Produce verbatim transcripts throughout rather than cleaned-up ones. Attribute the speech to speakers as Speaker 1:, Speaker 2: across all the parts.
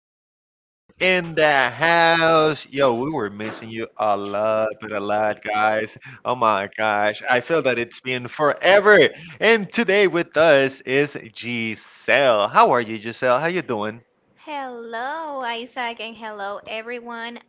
Speaker 1: again in the house. Yo, we were missing you a lot, but a lot, guys. Oh my gosh, I feel that it's been forever. And today with us is Giselle. How are you, Giselle? How you doing?
Speaker 2: Hello, Isaac, and hello, everyone.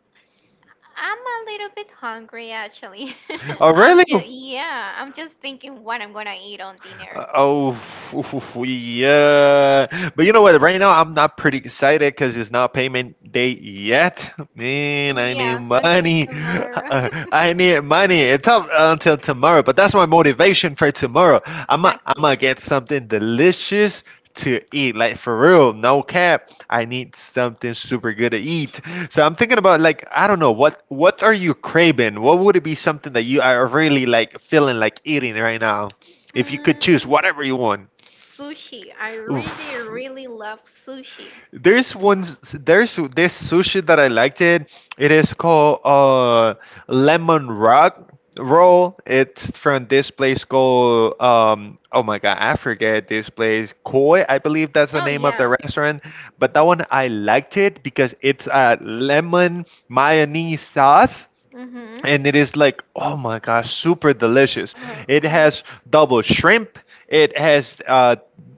Speaker 2: I'm a little bit hungry actually.
Speaker 1: Oh,
Speaker 2: I'm
Speaker 1: really?
Speaker 2: just, yeah, I'm just thinking what I'm gonna eat on dinner.
Speaker 1: Uh, oh, yeah. But you know what? Right now, I'm not pretty excited because it's not payment day yet. Man, I need
Speaker 2: Yeah, until
Speaker 1: money.
Speaker 2: tomorrow.
Speaker 1: I need money. It's up until tomorrow, but that's my motivation for tomorrow. I'm gonna I'm
Speaker 2: Exactly.
Speaker 1: gonna get something delicious to eat. Like for real, no cap. I need something super good to eat. So I'm thinking about, like, I don't know, what what are you craving? What would it be, something that you are really like feeling like eating right now, if you could
Speaker 2: Mm,
Speaker 1: choose whatever you want?
Speaker 2: Sushi. I really,
Speaker 1: Oof.
Speaker 2: really love sushi.
Speaker 1: There's one. There's this sushi that I liked it. It is called uh lemon rock roll. It's from this place called um oh my god, I forget this place. Koi, I believe that's the
Speaker 2: Oh,
Speaker 1: name of the
Speaker 2: yeah.
Speaker 1: restaurant. But that one I liked it because it's a lemon mayonnaise sauce
Speaker 2: Mm-hmm.
Speaker 1: and it is like, oh my gosh, super delicious. It
Speaker 2: Oh.
Speaker 1: has double shrimp, it has uh,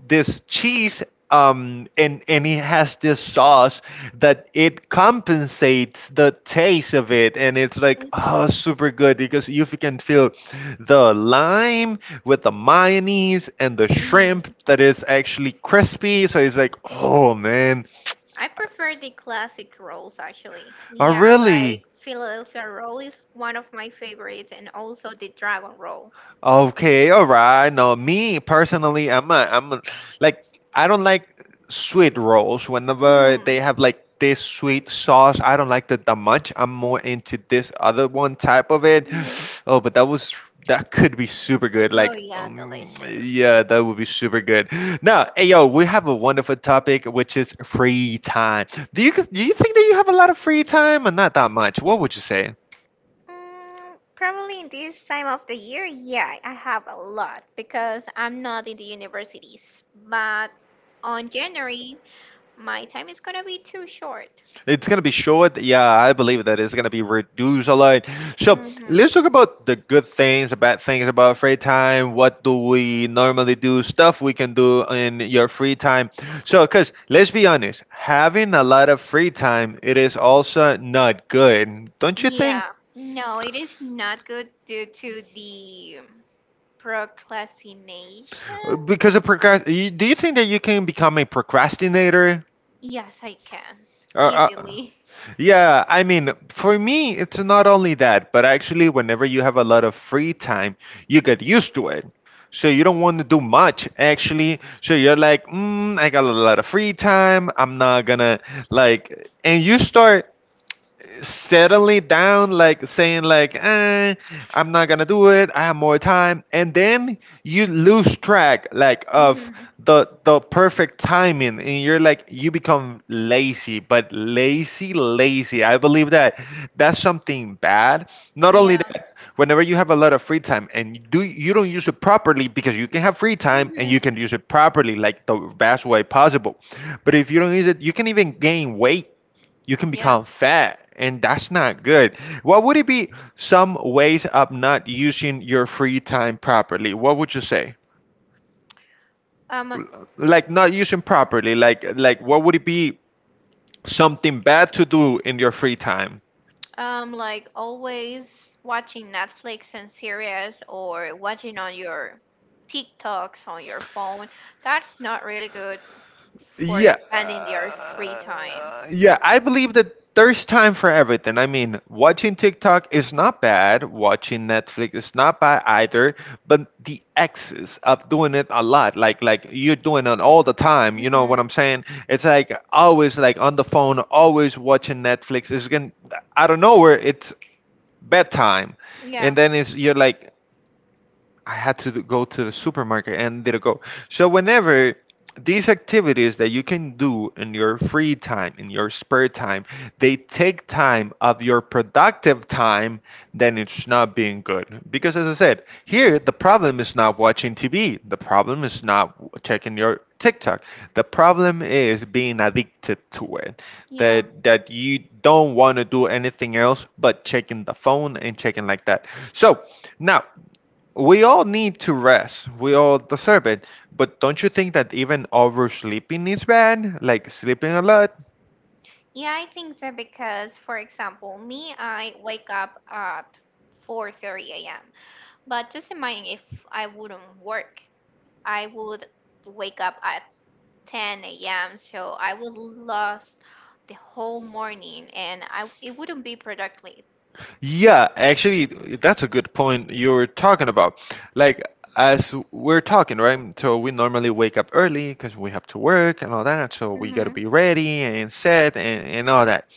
Speaker 1: this cheese, um, and and it has this sauce that it compensates the taste of it, and it's like, oh,
Speaker 2: Mm-hmm.
Speaker 1: super good, because you f- can feel the lime with the mayonnaise and the
Speaker 2: Mm-hmm.
Speaker 1: shrimp that is actually crispy. So it's like, oh man,
Speaker 2: I prefer the classic rolls, actually.
Speaker 1: I
Speaker 2: Yeah, like
Speaker 1: really.
Speaker 2: Philadelphia roll is one of my favorites, and also the dragon roll.
Speaker 1: Okay, all right. No, me personally, I'm a, I'm a, like I don't like sweet rolls. Whenever they
Speaker 2: Mhm.
Speaker 1: have like this sweet sauce, I don't like that that much. I'm more into this other one type of it.
Speaker 2: Mhm.
Speaker 1: Oh, but that was, that could be super good.
Speaker 2: Oh,
Speaker 1: Like,
Speaker 2: yeah,
Speaker 1: um,
Speaker 2: delicious.
Speaker 1: yeah, that would be super good. Now, hey yo, we have a wonderful topic, which is free time. Do you do you think that you have a lot of free time or not that much? What would you say?
Speaker 2: Mm, Probably in this time of the year, yeah, I have a lot because I'm not in the universities. But on January, my time is gonna be too short.
Speaker 1: It's going to be short. Yeah, I believe that it's going to be reduced a lot. So
Speaker 2: Mm-hmm.
Speaker 1: let's talk about the good things, the bad things about free time. What do we normally do? Stuff we can do in your free time. So, because let's be honest, having a lot of free time, it is also not good, don't you think?
Speaker 2: Yeah, no, it is not good due to the um, procrastination.
Speaker 1: Uh, Because of procrast- you- do you think that you can become a procrastinator?
Speaker 2: Yes, I can
Speaker 1: Uh, uh,
Speaker 2: easily.
Speaker 1: yeah, I mean, for me, it's not only that, but actually, whenever you have a lot of free time, you get used to it. So you don't want to do much, actually. So you're like, mm, I got a lot of free time. I'm not gonna, like, and you start settling down, like saying like, eh, I'm not gonna do it, I have more time. And then you lose track, like, of
Speaker 2: Mm-hmm.
Speaker 1: the the perfect timing, and you're like, you become lazy. But lazy lazy, I believe that that's something bad. Not only
Speaker 2: Yeah.
Speaker 1: that, whenever you have a lot of free time and you do you don't use it properly, because you can have free time and
Speaker 2: Mhm.
Speaker 1: you can use it properly, like the best way possible. But if you don't use it, you can even gain weight, you can
Speaker 2: Yeah.
Speaker 1: become fat, and that's not good. What would it be, some ways of not using your free time properly? What would you say,
Speaker 2: Um,
Speaker 1: like not using properly, like, like what would it be something bad to do in your free time?
Speaker 2: Um, like always watching Netflix and series or watching on your TikToks on your phone, that's not really good for
Speaker 1: Yeah.
Speaker 2: spending your free time.
Speaker 1: Uh, yeah, I believe that there's time for everything. I mean, watching TikTok is not bad, watching Netflix is not bad either, but the excess of doing it a lot, like like you're doing it all the time, you know what
Speaker 2: Hmm.
Speaker 1: I'm saying? It's like always like on the phone, always watching Netflix. It's going out of nowhere, it's bedtime.
Speaker 2: Yeah.
Speaker 1: And then it's, you're like, I had to go to the supermarket and did go. So whenever these activities that you can do in your free time, in your spare time, they take time of your productive time, then it's not being good. Because as I said, here the problem is not watching T V. The problem is not checking your TikTok. The problem is being addicted to it.
Speaker 2: Yeah.
Speaker 1: That that you don't want to do anything else but checking the phone and checking like that. So now we all need to rest. We all deserve it. But don't you think that even oversleeping is bad? Like sleeping a lot?
Speaker 2: Yeah, I think so because, for example, me, I wake up at four thirty a m. But just imagine if I wouldn't work, I would wake up at ten a m. So I would lost the whole morning and I it wouldn't be productive.
Speaker 1: Yeah, actually, that's a good point you're talking about. Like, as we're talking, right? So we normally wake up early because we have to work and all that. So we got to
Speaker 2: Mm-hmm.
Speaker 1: be ready and set and, and all that.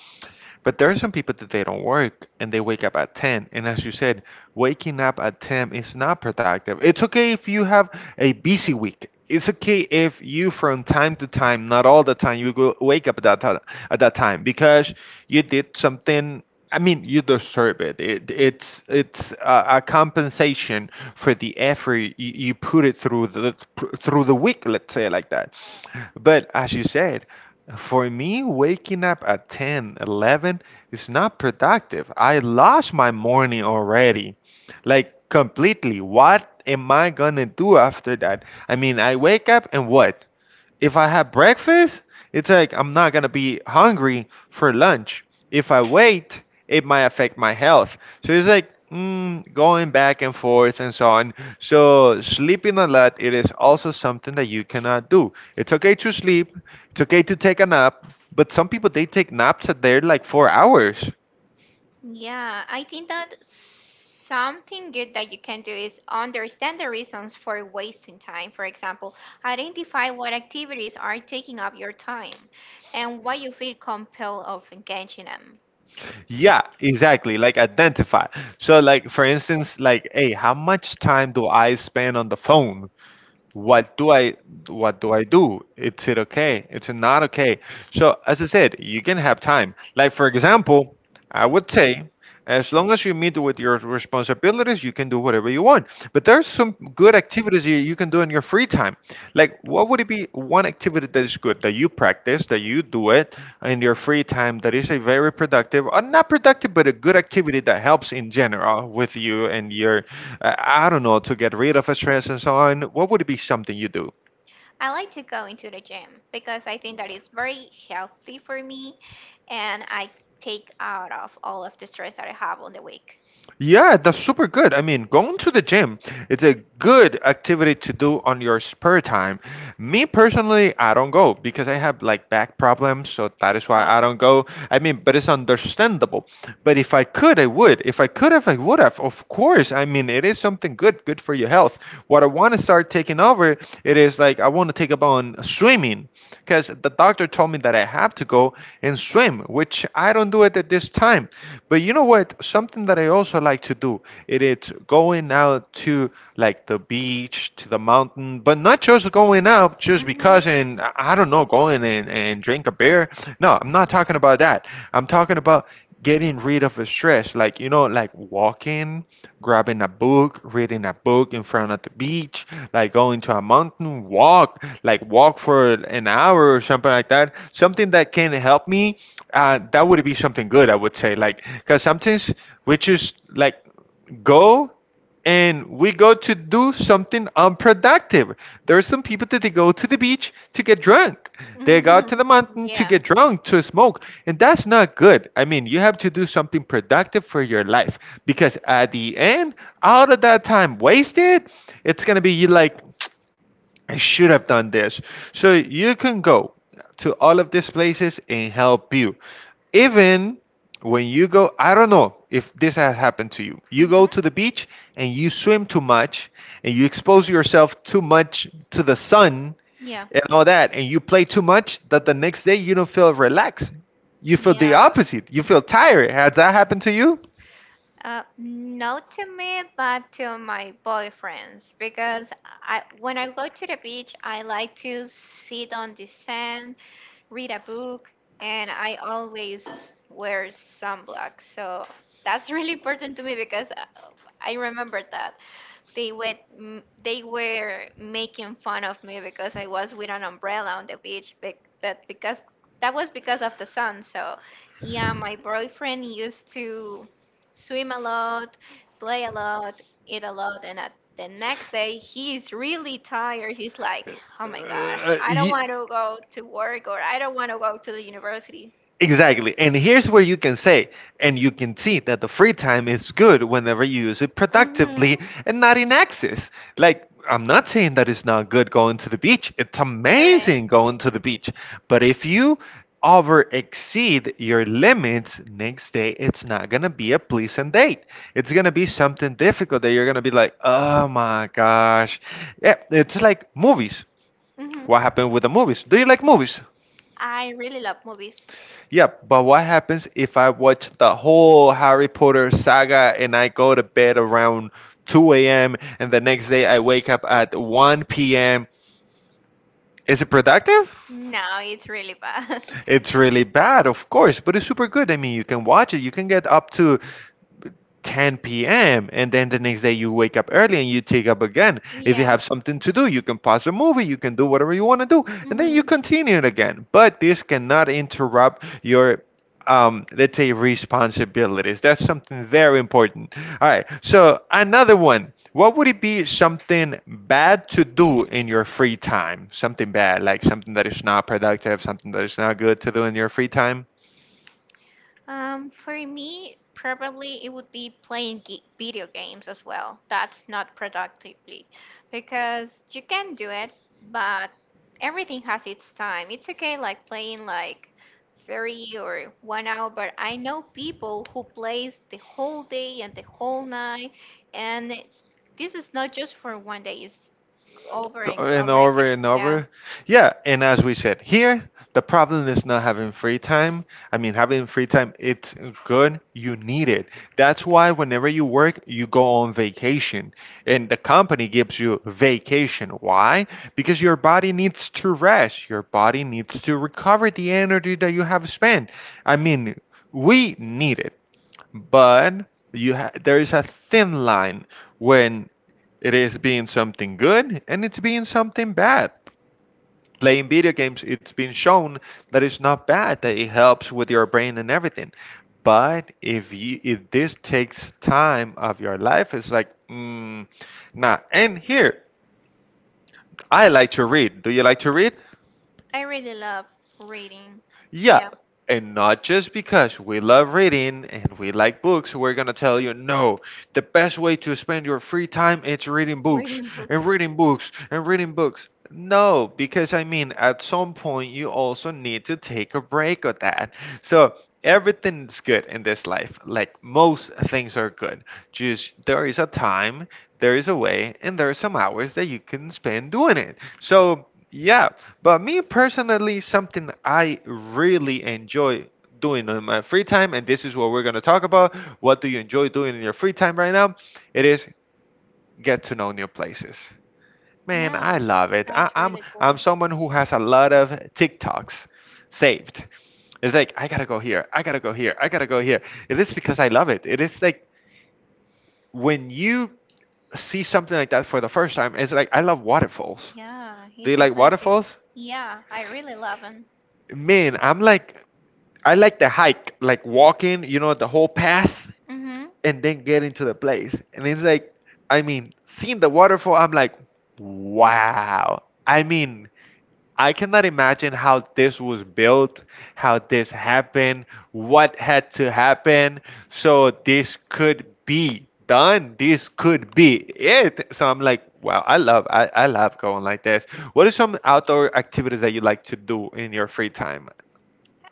Speaker 1: But there are some people that they don't work and they wake up at ten. And as you said, waking up at ten is not productive. It's okay if you have a busy week. It's okay if you, from time to time, not all the time, you go wake up at that, ti- at that time, because you did something, I mean, you deserve it. It it's it's a, a compensation for the effort you, you put it through the through the week. Let's say it like that. But as you said, for me, waking up at ten, eleven is not productive. I lost my morning already, like completely. What am I gonna do after that? I mean, I wake up and what? If I have breakfast, it's like I'm not gonna be hungry for lunch. If I wait, it might affect my health. So it's like, mm, going back and forth and so on. So sleeping a lot, it is also something that you cannot do. It's okay to sleep. It's okay to take a nap. But some people, they take naps at their like four hours.
Speaker 2: Yeah, I think that something good that you can do is understand the reasons for wasting time. For example, identify what activities are taking up your time and why you feel compelled of engaging them.
Speaker 1: Yeah, exactly. Like identify. So like for instance, like, hey, how much time do I spend on the phone? what do i what do i do? Is it okay, it's not okay? So as I said, you can have time, like for example, I would say as long as you meet with your responsibilities, you can do whatever you want. But there's some good activities you, you can do in your free time, like what would it be one activity that is good, that you practice, that you do it in your free time, that is a very productive, or not productive, but a good activity that helps in general with you and your. I I don't know, to get rid of a stress and so on, what would be something you do?
Speaker 2: I like to go into the gym because I think that it's very healthy for me and I take out of all of the stress that I have on the week.
Speaker 1: Yeah, that's super good. I mean, going to the gym, it's a good activity to do on your spare time. Me personally, I don't go because I have like back problems, so that is why I
Speaker 2: Oh.
Speaker 1: don't go. I mean, but it's understandable. But if I could, I would. If I could have, I would have. Of course. I mean, it is something good, good for your health. What I want to start taking over, it is like I want to take up on swimming, because the doctor told me that I have to go and swim, which I don't do it at this time. But you know what? Something that I also like to do it is going out to like the beach, to the mountain, but not just going out just
Speaker 2: Hmm.
Speaker 1: because, and I I don't know, going and, and drink a beer. No, I'm not talking about that. I'm talking about getting rid of the stress, like, you know, like walking, grabbing a book, reading a book in front of the beach, like going to a mountain walk, like walk for an hour or something like that. Something that can help me, uh, that would be something good, I would say. Like, because sometimes we just like go and we go to do something unproductive. There are some people that they go to the beach to get drunk, they go to the mountain to
Speaker 2: Yeah.
Speaker 1: get drunk, to smoke, and that's not good. I mean, you have to do something productive for your life, because at the end, out of that time wasted, it's going to be you like, I should have done this. So you can go to all of these places and help you. Even when you go, I don't know if this has happened to you. You
Speaker 2: Hmm.
Speaker 1: go to the beach and you swim too much and you expose yourself too much to the sun
Speaker 2: Yeah.
Speaker 1: and all that, and you play too much that the next day you don't feel relaxed. You feel the
Speaker 2: Yeah.
Speaker 1: opposite. You feel tired. Has that happened to you?
Speaker 2: Uh, not to me, but to my boyfriends because I, when I go to the beach, I like to sit on the sand, read a book, and I always wear sunblock. So that's really important to me because uh, I remember that they were m- they were making fun of me because I was with an umbrella on the beach, but, but because that was because of the sun. So, yeah, my boyfriend used to swim a lot, play a lot, eat a lot, and at the next day he's really tired. He's like,
Speaker 1: Uh,
Speaker 2: "Oh my God,
Speaker 1: uh,
Speaker 2: I don't
Speaker 1: ye-
Speaker 2: want to go to work or I don't want to go to the university."
Speaker 1: Exactly. And here's where you can say, and you can see that the free time is good whenever you use it productively
Speaker 2: Mm-hmm.
Speaker 1: and not in excess. Like, I'm not saying that it's not good going to the beach. It's
Speaker 2: Correct.
Speaker 1: amazing going to the beach. But if you over exceed your limits, next day it's not going to be a pleasant date. It's going to be something difficult that you're going to be like, oh my gosh. Yeah, it's like movies.
Speaker 2: Mm-hmm.
Speaker 1: What happened with the movies? Do you like movies?
Speaker 2: I really love movies.
Speaker 1: Yeah, but what happens if I watch the whole Harry Potter saga and I go to bed around two a m and the next day I wake up at one p m? Is it productive?
Speaker 2: No, it's really bad.
Speaker 1: It's really bad, of course, but it's super good. I mean, you can watch it, you can get up to ten p m and then the next day you wake up early and you take up again. If you
Speaker 2: Yeah.
Speaker 1: have something to do, you can pause a movie, you can do whatever you want to do, and then you
Speaker 2: Hmm.
Speaker 1: continue it again. But this cannot interrupt your um, let's say responsibilities. That's something very important. All right. So another one. What would it be something bad to do in your free time? Something bad, like something that is not productive, something that is not good to do in your free time?
Speaker 2: Um, for me, probably it would be playing ge- video games as well. That's not productively because you can do it, but everything has its time. It's okay, like playing like three or one hour, but I know people who plays the whole day and the whole night, and this is not just for one day. It's over and
Speaker 1: And
Speaker 2: over
Speaker 1: over
Speaker 2: again.
Speaker 1: and
Speaker 2: Yeah.
Speaker 1: over. Yeah, and as we said here, the problem is not having free time. I mean, having free time, it's good. You need it. That's why whenever you work, you go on vacation, and the company gives you vacation. Why? Because your body needs to rest. Your body needs to recover the energy that you have spent. I mean, we need it, but you ha- there is a thin line when it is being something good and it's being something bad. Playing video games, it's been shown that it's not bad, that it helps with your brain and everything. But if you if this takes time of your life, it's like mm, nah. And here, I like to read. Do you like to read?
Speaker 2: I really love reading.
Speaker 1: Yeah,
Speaker 2: Yeah,
Speaker 1: and not just because we love reading and we like books, we're gonna tell you no. The best way to spend your free time is reading books
Speaker 2: reading books.
Speaker 1: and reading books and reading books. No, because I mean, at some point you also need to take a break of that. So everything's good in this life. Like most things are good. Just there is a time, there is a way, and there are some hours that you can spend doing it. So yeah, but me personally, something I really enjoy doing in my free time, and this is what we're going to talk about. What do you enjoy doing in your free time right now? It is get to know new places. Man,
Speaker 2: Yeah,
Speaker 1: I love it. I,
Speaker 2: that's
Speaker 1: I'm
Speaker 2: really cool.
Speaker 1: I'm someone who has a lot of TikToks saved. It's like I gotta go here, I gotta go here, I gotta go here. It is because I love it. It is like when you see something like that for the first time, it's like I love waterfalls.
Speaker 2: Yeah,
Speaker 1: Do
Speaker 2: it's
Speaker 1: you like
Speaker 2: impressive.
Speaker 1: waterfalls?
Speaker 2: Yeah, I really love them.
Speaker 1: Man, I'm like I like the hike, like walking, you know, the whole path and then getting to the place. And it's like, I mean, seeing the waterfall, I'm like, wow. I mean, I cannot imagine how this was built, how this happened, what had to happen. So this could be done. This could be it. So I'm like, wow, I love I, I love going like this. What are some outdoor activities that you like to do in your free time?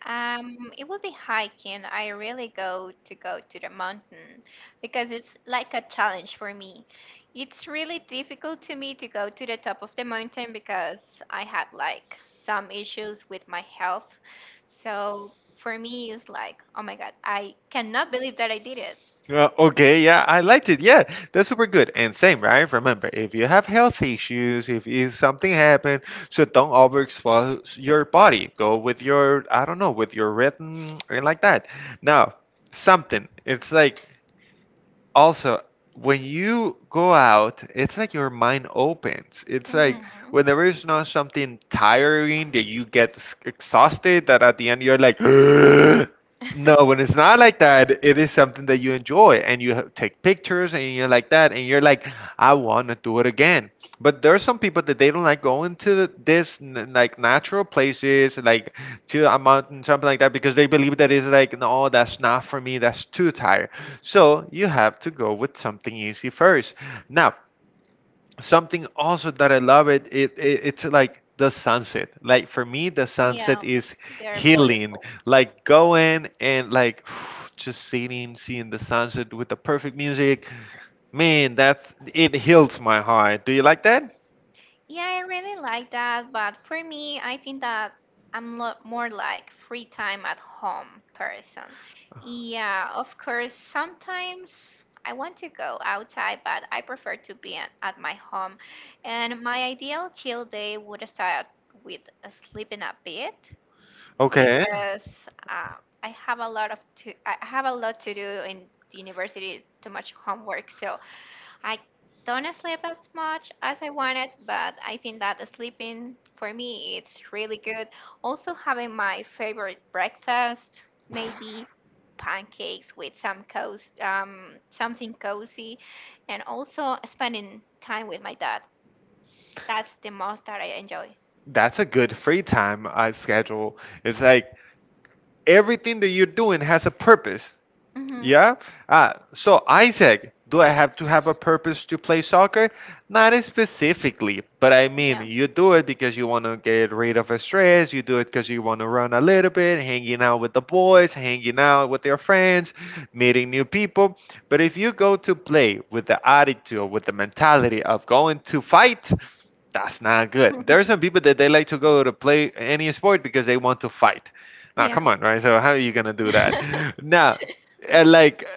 Speaker 2: Um, it would be hiking. I really go to go to the mountain because it's like a challenge for me. It's really difficult to me to go to the top of the mountain because I had like some issues with my health. So for me, it's like, oh my God, I cannot believe that I did it.
Speaker 1: Uh, okay, yeah, I liked it. Yeah, that's super good. And same, right? Remember, if you have health issues, if, if something happened, so don't overexpose your body. Go with your, I don't know, with your rhythm and like that. Now, something. It's like also when you go out, it's like your mind opens. It's like
Speaker 2: Mhm.
Speaker 1: when there is not something tiring that you get s- exhausted that at the end you're like no, when it's not like that, it is something that you enjoy and you ha- take pictures and you're like that and you're like, I want to do it again. But there are some people that they don't like going to the- this n- like natural places, like to a mountain, something like that, because they believe that it's like, no, that's not for me, that's too tired. So you have to go with something easy first. Now, something also that I love it, it, it it's like the sunset. Like for me, the sunset
Speaker 2: Yeah,
Speaker 1: is
Speaker 2: they're
Speaker 1: healing.
Speaker 2: beautiful.
Speaker 1: Like going and like just sitting, seeing the sunset with the perfect music. Man, that's it, heals my heart. Do you like that?
Speaker 2: Yeah, I really like that, but for me, I think that I'm lo- more like free time at home person. Yeah, of course, sometimes I want to go outside, but I prefer to be at, at my home. And my ideal chill day would start with sleeping a bit
Speaker 1: Okay,
Speaker 2: because uh, I have a lot of to I have a lot to do in the university, too much homework, so I don't sleep as much as I wanted, but I think that sleeping for me it's really good. Also having my favorite breakfast, maybe pancakes with some cozy, um, something cozy, and also spending time with my dad. That's the most that I enjoy.
Speaker 1: that's a good free time uh, schedule. It's like everything that you're doing has a purpose.
Speaker 2: Mm-hmm.
Speaker 1: Yeah. Ah, so Isaac, do I have to have a purpose to play soccer? Not specifically, but I mean,
Speaker 2: Yeah.
Speaker 1: you do it because you want to get rid of stress. You do it because you want to run a little bit, hanging out with the boys, hanging out with your friends, meeting new people. But if you go to play with the attitude, with the mentality of going to fight, that's not good. There
Speaker 2: Mhm.
Speaker 1: are some people that they like to go to play any sport because they want to fight. Now,
Speaker 2: Yeah.
Speaker 1: come on, right? So how are you gonna do that? Now, and like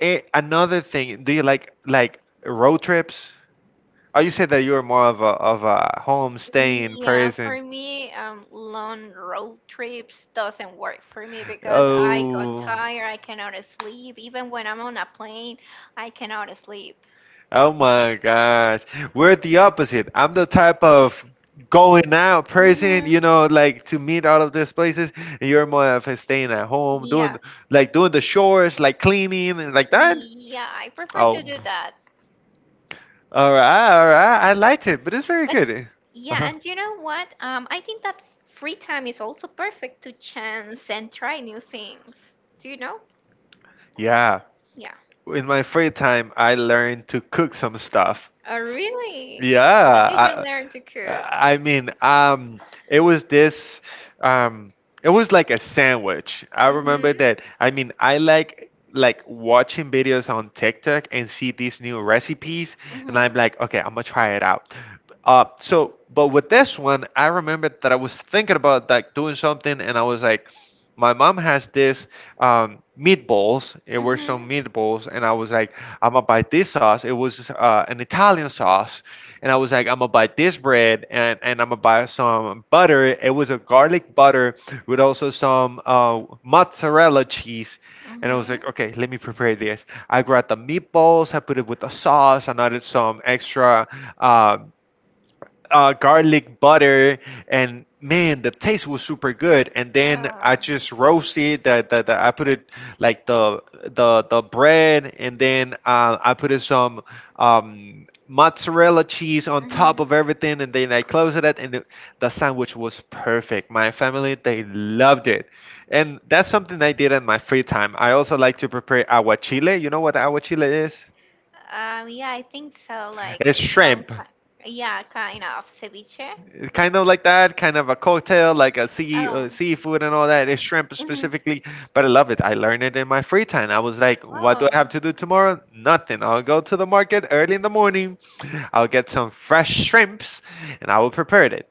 Speaker 1: eh, another thing, do you like like road trips? Oh, you said that you were more of a of a home staying
Speaker 2: Yeah,
Speaker 1: person.
Speaker 2: for me, um, long road trips doesn't work for me because I got
Speaker 1: Oh.
Speaker 2: tired. I cannot sleep. Even when I'm on a plane, I cannot sleep.
Speaker 1: Oh my gosh. We're the opposite. I'm the type of going out person,
Speaker 2: Hmm.
Speaker 1: you know, like to meet all of these places. And you're more of a staying at home, doing
Speaker 2: Yeah,
Speaker 1: like doing the chores, like cleaning and like that.
Speaker 2: yeah, I prefer
Speaker 1: Oh.
Speaker 2: to do that.
Speaker 1: All right, all right. I liked it, but it's very good.
Speaker 2: Yeah,
Speaker 1: Uh-huh.
Speaker 2: and you know what? Um, I think that free time is also perfect to chance and try new things. Do you know?
Speaker 1: Yeah.
Speaker 2: Yeah.
Speaker 1: In my free time, I learned to cook some stuff.
Speaker 2: Oh, really?
Speaker 1: Yeah,
Speaker 2: What did you
Speaker 1: I,
Speaker 2: learn to cook?
Speaker 1: I mean, um, it was this, um, it was like a sandwich. I
Speaker 2: Mm-hmm.
Speaker 1: remember that. I mean, I like like watching videos on TikTok and see these new recipes, and
Speaker 2: Mm-hmm.
Speaker 1: I'm like, okay, I'm gonna try it out. Uh, so, but with this one, I remember that I was thinking about like doing something, and I was like, my mom has this um, meatballs. It were
Speaker 2: Mhm.
Speaker 1: some meatballs, and I was like, I'm gonna buy this sauce. It was uh, an Italian sauce, and I was like, I'm gonna buy this bread, and and I'm gonna buy some butter. It was a garlic butter with also some uh, mozzarella cheese. And I was
Speaker 2: Mhm.
Speaker 1: like, okay, let me prepare this. I grabbed the meatballs, I put it with the sauce, and added some extra uh, uh, garlic butter, and man, the taste was super good. And then I
Speaker 2: Yeah.
Speaker 1: just roasted that that I put it like the the the bread, and then uh, I put in some um, mozzarella cheese on top
Speaker 2: Mhm.
Speaker 1: of everything, and then I closed it, and the, the sandwich was perfect. My family, they loved it, and that's something I did in my free time. I also like to prepare aguachile. You know what aguachile is?
Speaker 2: Um, yeah, I think so. Like
Speaker 1: It's
Speaker 2: some,
Speaker 1: shrimp,
Speaker 2: ki- yeah, kind of ceviche.
Speaker 1: kind of like that, kind of a cocktail, like a sea uh,
Speaker 2: Oh.
Speaker 1: seafood and all that. It's shrimp
Speaker 2: Mhm.
Speaker 1: specifically, but I love it. I learned it in my free time. I was like, what do I
Speaker 2: Oh.
Speaker 1: have to do tomorrow? Nothing. I'll go to the market early in the morning. I'll get some fresh shrimps, and I will prepare it.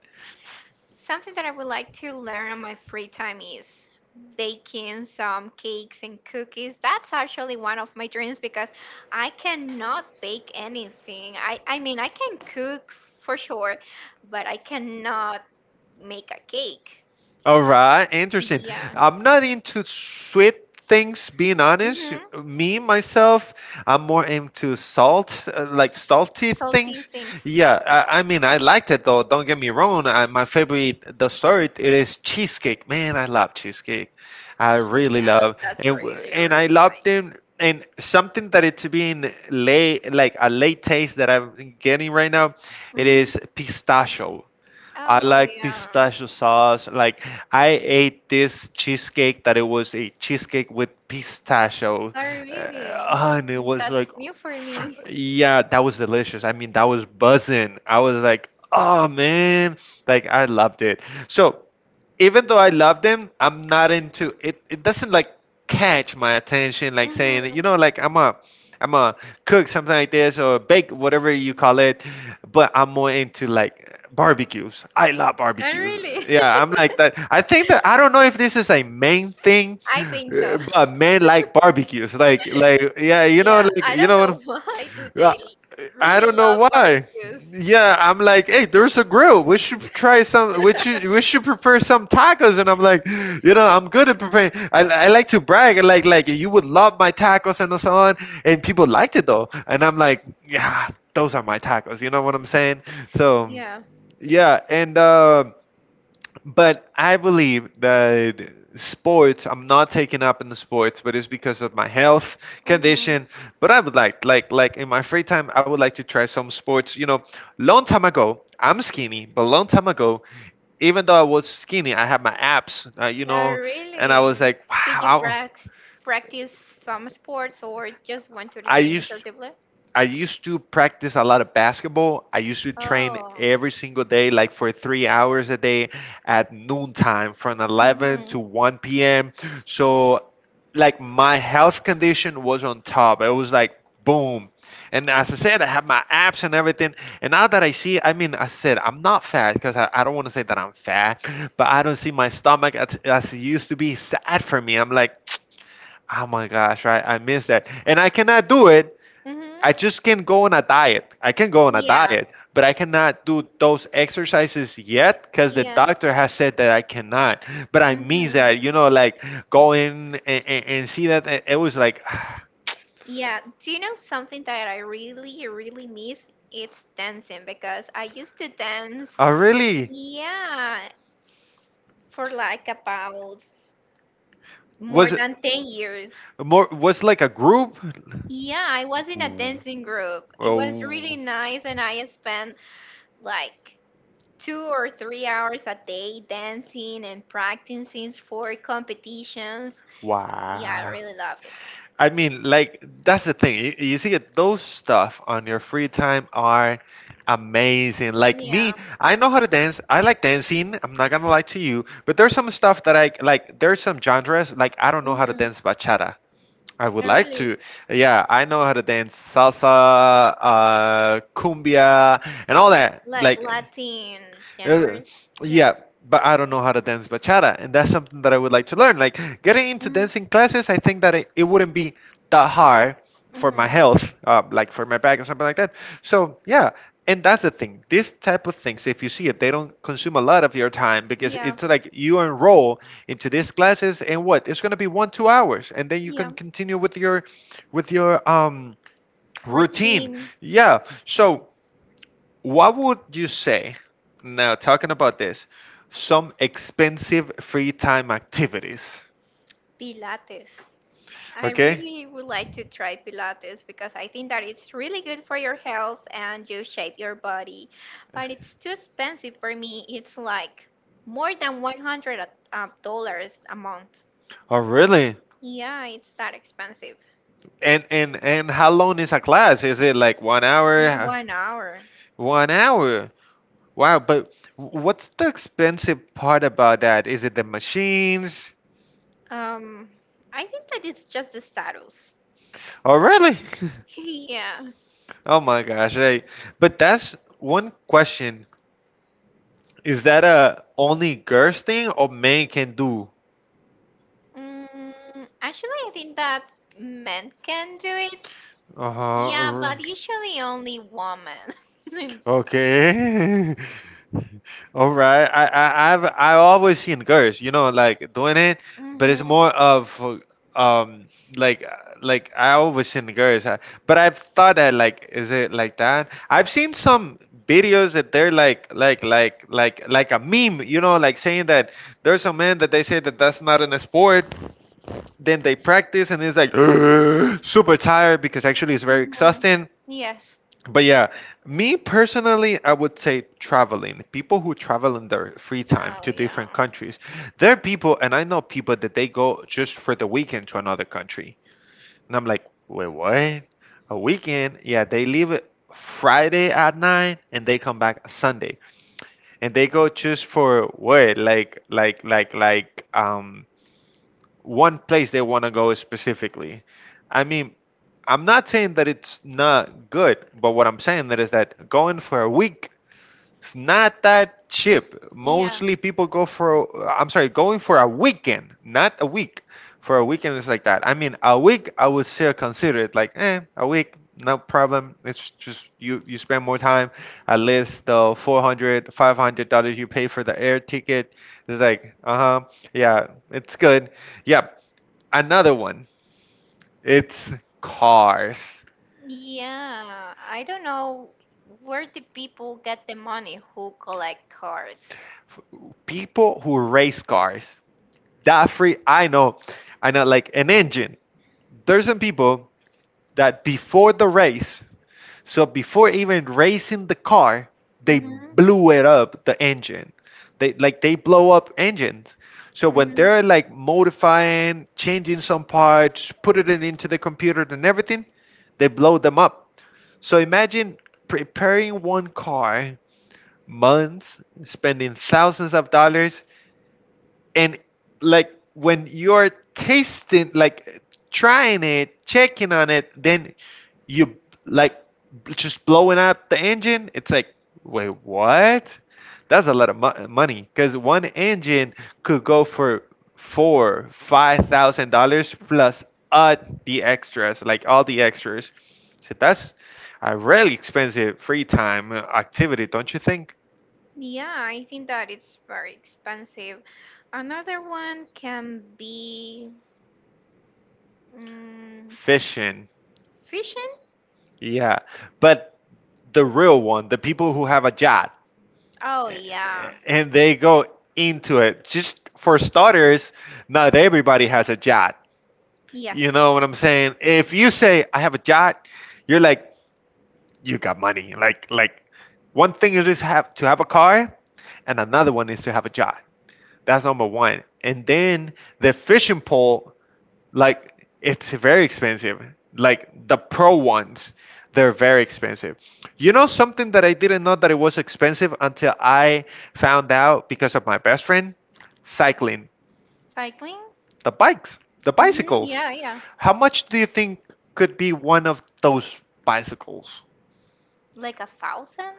Speaker 2: Something that I would like to learn on my free time is baking some cakes and cookies. That's actually one of my dreams because I cannot bake anything. I, I mean, I can cook for sure, but I cannot make a cake.
Speaker 1: All right, interesting.
Speaker 2: Yeah.
Speaker 1: I'm not into sweet things, being honest.
Speaker 2: Mm-hmm.
Speaker 1: Me, myself, I'm more into salt, uh, like salty
Speaker 2: Salty
Speaker 1: things.
Speaker 2: things.
Speaker 1: Yeah, I, I mean, I liked it though. Don't get me wrong. I, my favorite dessert it is cheesecake. Man, I love cheesecake. I really
Speaker 2: Yeah,
Speaker 1: love,
Speaker 2: that's
Speaker 1: and w-
Speaker 2: really,
Speaker 1: and I
Speaker 2: really
Speaker 1: love
Speaker 2: nice.
Speaker 1: them. And something that it's being late, like a late taste that I'm getting right now, it
Speaker 2: Mm-hmm.
Speaker 1: is pistachio. I
Speaker 2: Oh,
Speaker 1: like
Speaker 2: yeah.
Speaker 1: pistachio sauce. Like I ate this cheesecake that it was a cheesecake with pistachio,
Speaker 2: Oh, really?
Speaker 1: uh, and it was
Speaker 2: That's
Speaker 1: like,
Speaker 2: new for me.
Speaker 1: yeah, that was delicious. I mean, that was buzzing. I was like, oh man, like I loved it. So even though I love them, I'm not into it. It doesn't like catch my attention, like
Speaker 2: Hmm.
Speaker 1: saying, you know, like I'm a, I'm a cook something like this or bake whatever you call it. But I'm more into like barbecues. I love
Speaker 2: Oh,
Speaker 1: barbecues.
Speaker 2: really?
Speaker 1: Yeah, I'm like that. I think that I don't know if this is a main thing,
Speaker 2: I think
Speaker 1: uh,
Speaker 2: so.
Speaker 1: but men like barbecues. Like, like yeah, you
Speaker 2: Yeah,
Speaker 1: know, like
Speaker 2: I
Speaker 1: you
Speaker 2: don't know,
Speaker 1: know.
Speaker 2: why do
Speaker 1: Yeah,
Speaker 2: they
Speaker 1: I
Speaker 2: really
Speaker 1: don't know
Speaker 2: love
Speaker 1: why.
Speaker 2: barbecues.
Speaker 1: Yeah, I'm like, hey, there's a grill. We should try some. We should we should prepare some tacos. And I'm like, you know, I'm good at preparing. I, I like to brag. And Like like you would love my tacos and so on. And people liked it though. And I'm like, yeah, those are my tacos. You know what I'm saying? So
Speaker 2: Yeah.
Speaker 1: yeah, and. Uh, but I believe that sports, I'm not taking up in the sports, but it's because of my health condition. But I would like, like, like in my free time, I would like to try some sports. You know, long time ago, I'm skinny, but long time ago, even though I
Speaker 2: Hmm.
Speaker 1: was skinny, I had my abs, uh, you
Speaker 2: Oh,
Speaker 1: know, and I was
Speaker 2: really?
Speaker 1: like,
Speaker 2: Did you
Speaker 1: wow.
Speaker 2: prac- practice some sports or just went to the
Speaker 1: I
Speaker 2: gym
Speaker 1: used
Speaker 2: assertively?
Speaker 1: I used to practice a lot of basketball. I used to train
Speaker 2: Oh.
Speaker 1: every single day, like for three hours a day at noontime from eleven to
Speaker 2: Mhm.
Speaker 1: one p m. So like my health condition was on top. It was like boom. And as I said, I have my abs and everything. And now that I see, I mean, I said I'm not fat because I, I don't want to say that I'm fat, but I don't see my stomach as, as it used to be. Sad for me. I'm like, oh my gosh, right? I miss that, and I cannot do it I
Speaker 2: Mhm.
Speaker 1: just can go on a diet. I can go on a
Speaker 2: Yeah.
Speaker 1: diet, but I cannot do those exercises yet because the
Speaker 2: Yeah.
Speaker 1: doctor has said that I cannot. But I miss
Speaker 2: Mhm.
Speaker 1: that, you know, like going and, and, and see that. And It was like,
Speaker 2: Yeah. Do you know something that I really, really miss? It's dancing because I used to dance,
Speaker 1: oh, really?
Speaker 2: yeah, for like about more
Speaker 1: Was it
Speaker 2: than ten years.
Speaker 1: more? Was like a group?
Speaker 2: Yeah, I was in a
Speaker 1: Ooh.
Speaker 2: dancing group. It was really
Speaker 1: Oh.
Speaker 2: nice, and I spent like two or three hours a day dancing and practicing for competitions. Yeah, I
Speaker 1: Wow.
Speaker 2: really love it.
Speaker 1: I mean, like that's the thing. You, you see, it, those stuff on your free time are amazing. Like me,
Speaker 2: Yeah.
Speaker 1: I know how to dance. I like dancing. I'm not gonna lie to you. But there's some stuff that I like. There's some genres like I don't know how to
Speaker 2: Hmm.
Speaker 1: dance bachata. I would
Speaker 2: I
Speaker 1: like
Speaker 2: really
Speaker 1: to. Yeah, I know how to dance salsa, uh, cumbia, and all that.
Speaker 2: like
Speaker 1: Like,
Speaker 2: Latin
Speaker 1: uh,
Speaker 2: genres. Yeah.
Speaker 1: yeah, but I don't know how to dance bachata, and that's something that I would like to learn. Like, getting into
Speaker 2: Hmm.
Speaker 1: dancing classes, I think that it, it wouldn't be that hard for my
Speaker 2: Hmm.
Speaker 1: health, uh, like for my back or something like that. So, yeah. And that's the thing. These type of things, if you see it, they don't consume a lot of your time because
Speaker 2: Yeah.
Speaker 1: it's like you enroll into these classes and what it's going to be one two hours and then you can
Speaker 2: Yeah.
Speaker 1: continue with your with your um routine.
Speaker 2: Routine
Speaker 1: Yeah. So what would you say now, talking about this, some expensive free time activities?
Speaker 2: Pilates. I
Speaker 1: Okay.
Speaker 2: really would like to try Pilates because I think that it's really good for your health and you shape your body. But it's too expensive for me. It's like more than one hundred uh, dollars a month.
Speaker 1: Oh, really?
Speaker 2: Yeah, it's that expensive.
Speaker 1: And and and how long is a class? Is it like one
Speaker 2: Just
Speaker 1: hour
Speaker 2: one hour.
Speaker 1: One hour. Wow, but what's the expensive part about that? Is it the machines?
Speaker 2: Um, I think that it's just the status.
Speaker 1: Oh, really?
Speaker 2: Yeah.
Speaker 1: Oh my gosh, right. But that's one question. Is that a only girls thing or men can do?
Speaker 2: Mm, Actually, I think that men can do it. Yeah,
Speaker 1: Uh-huh. r-
Speaker 2: but usually only women.
Speaker 1: Okay. All right. I, I I've I always seen girls, you know, like doing it, but it's
Speaker 2: Mhm.
Speaker 1: more of um like uh, like I always seen girls, I, but I've thought that like is it like that? I've seen some videos that they're like like like like like a meme, you know, like saying that there's a man that they say that that's not in a sport, then they practice and it's like super tired because actually it's very
Speaker 2: Mhm.
Speaker 1: exhausting.
Speaker 2: Yes.
Speaker 1: But yeah, me personally, I would say traveling. People who travel in their free time
Speaker 2: Oh,
Speaker 1: to
Speaker 2: yeah.
Speaker 1: different countries, there are people, and I know people that they go just for the weekend to another country. And I'm like, wait, what? A weekend? Yeah, they leave it Friday at nine and they come back Sunday, and they go just for what? Like, like, like, like, um, one place they want to go specifically. I mean, I'm not saying that it's not good, but what I'm saying that is that going for a week is not that cheap.
Speaker 2: Yeah.
Speaker 1: Mostly people go for I'm sorry, going for a weekend, not a week. For a weekend is like that. I mean, a week I would still consider it like eh, a week, no problem. It's just you you spend more time. At least the four hundred, five hundred dollars you pay for the air ticket is like, uh huh yeah, it's good, yeah. Another one. It's cars.
Speaker 2: Yeah. I don't know where the people get the money who collect cards.
Speaker 1: F- People who race cars. That free. I know. I know. Like an engine. There's some people that before the race, so before even racing the car, they
Speaker 2: Mhm.
Speaker 1: blew it up the engine. They like they blow up engines. So when
Speaker 2: Mhm.
Speaker 1: they're like modifying, changing some parts, put it in, into the computer and everything, they blow them up. So imagine preparing one car months, spending thousands of dollars, and like when you're tasting, like trying it, checking on it, then you like just blowing up the engine. It's like, wait, what? That's a lot of mo- money because one engine could go for four, five thousand dollars plus uh the extras, like all the extras. So that's a really expensive free time uh, activity, don't you think?
Speaker 2: Yeah, I think that it's very expensive. Another one can be mm,
Speaker 1: Fishing.
Speaker 2: fishing.
Speaker 1: Yeah. But the real one, the people who have a yacht
Speaker 2: Oh,
Speaker 1: a-
Speaker 2: yeah.
Speaker 1: and they go into it. Just for starters, not everybody has a yacht. You
Speaker 2: Yes.
Speaker 1: know what I'm saying? If you say I have a yacht, you're like you got money. Like like one thing it is have to have a car and another one is to have a yacht. That's number one. And then the fishing pole. Like, it's very expensive. Like the pro ones, they're very expensive. You know something that I didn't know that it was expensive until I found out because of my best friend? Cycling.
Speaker 2: Cycling.
Speaker 1: The bikes, the
Speaker 2: Mhm.
Speaker 1: bicycles.
Speaker 2: Yeah, yeah.
Speaker 1: How much do you think could be one of those bicycles?
Speaker 2: Like a thousand?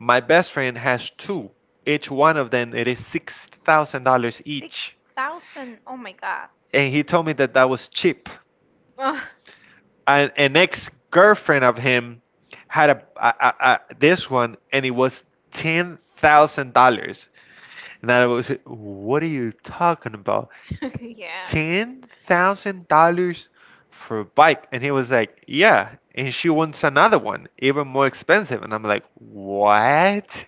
Speaker 1: My best friend has two. Each one of them it is six thousand dollars
Speaker 2: Six
Speaker 1: each.
Speaker 2: thousand? Oh my god.
Speaker 1: And he told me that that was cheap.
Speaker 2: Ugh.
Speaker 1: an, an ex girlfriend of him had a, a, a, a- this one, and it was ten thousand dollars. And I was, what are you talking about?
Speaker 2: Yeah.
Speaker 1: Ten thousand dollars for a bike? And he was like, yeah. And she wants another one, even more expensive. And I'm like, what?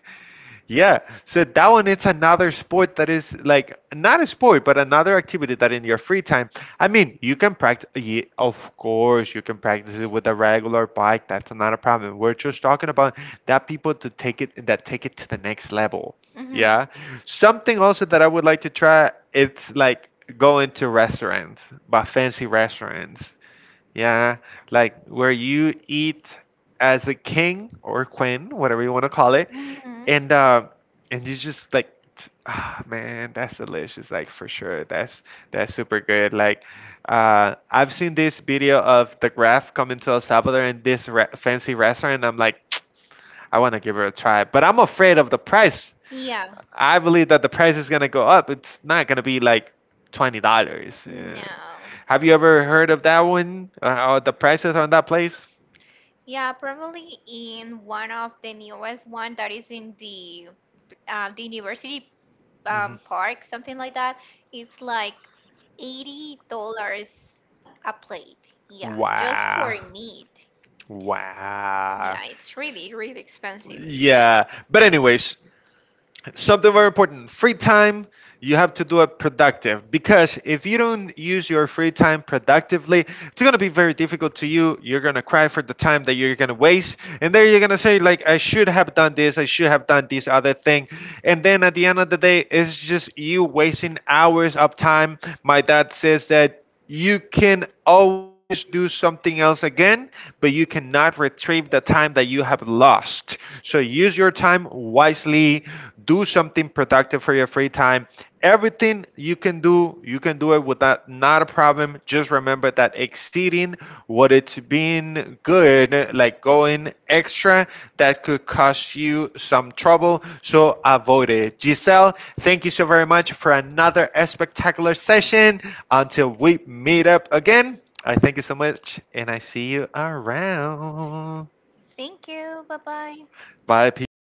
Speaker 1: Yeah, so that one it's another sport that is like not a sport, but another activity that in your free time. I mean, you can practice. Yeah, of course, you can practice it with a regular bike. That's not a problem. We're just talking about that people to take it that take it to the next level.
Speaker 2: Hmm.
Speaker 1: Yeah, something also that I would like to try. It's like going to restaurants, but fancy restaurants. Yeah, like where you eat as a king or queen, whatever you want to call it,
Speaker 2: Hmm.
Speaker 1: and uh, and you just like, t- ah, man, that's delicious. Like for sure, that's that's super good. Like, uh, I've seen this video of the Graph coming to El Salvador in this re fancy restaurant. And I'm like, I want to give her a try, but I'm afraid of the price.
Speaker 2: Yeah.
Speaker 1: I believe that the price is gonna go up. It's not gonna be like twenty dollars. Yeah.
Speaker 2: No.
Speaker 1: Have you ever heard of that one? Uh, uh, the prices on that place?
Speaker 2: Yeah, probably in one of the newest one that is in the uh, the university
Speaker 1: Mhm.
Speaker 2: um, park, something like that. It's like eighty dollars a plate. Yeah, just
Speaker 1: Wow.
Speaker 2: for meat.
Speaker 1: Wow.
Speaker 2: Yeah, it's really really expensive.
Speaker 1: Yeah. But anyways, something very important, free time, you have to do it productive, because if you don't use your free time productively, it's going to be very difficult to you you're going to cry for the time that you're going to waste, and then you're going to say like I should have done this, I should have done this other thing, and then at the end of the day it's just you wasting hours of time. My dad says that you can always do something else again, but you cannot retrieve the time that you have lost. So use your time wisely, do something productive for your free time. Everything you can do, you can do it without not a problem. Just remember that exceeding what it's been good, like going extra, that could cost you some trouble. So avoid it. Giselle, thank you so very much for another spectacular session. Until we meet up again, I thank you so much and I see you around.
Speaker 2: Thank you. Bye bye.
Speaker 1: Bye, people.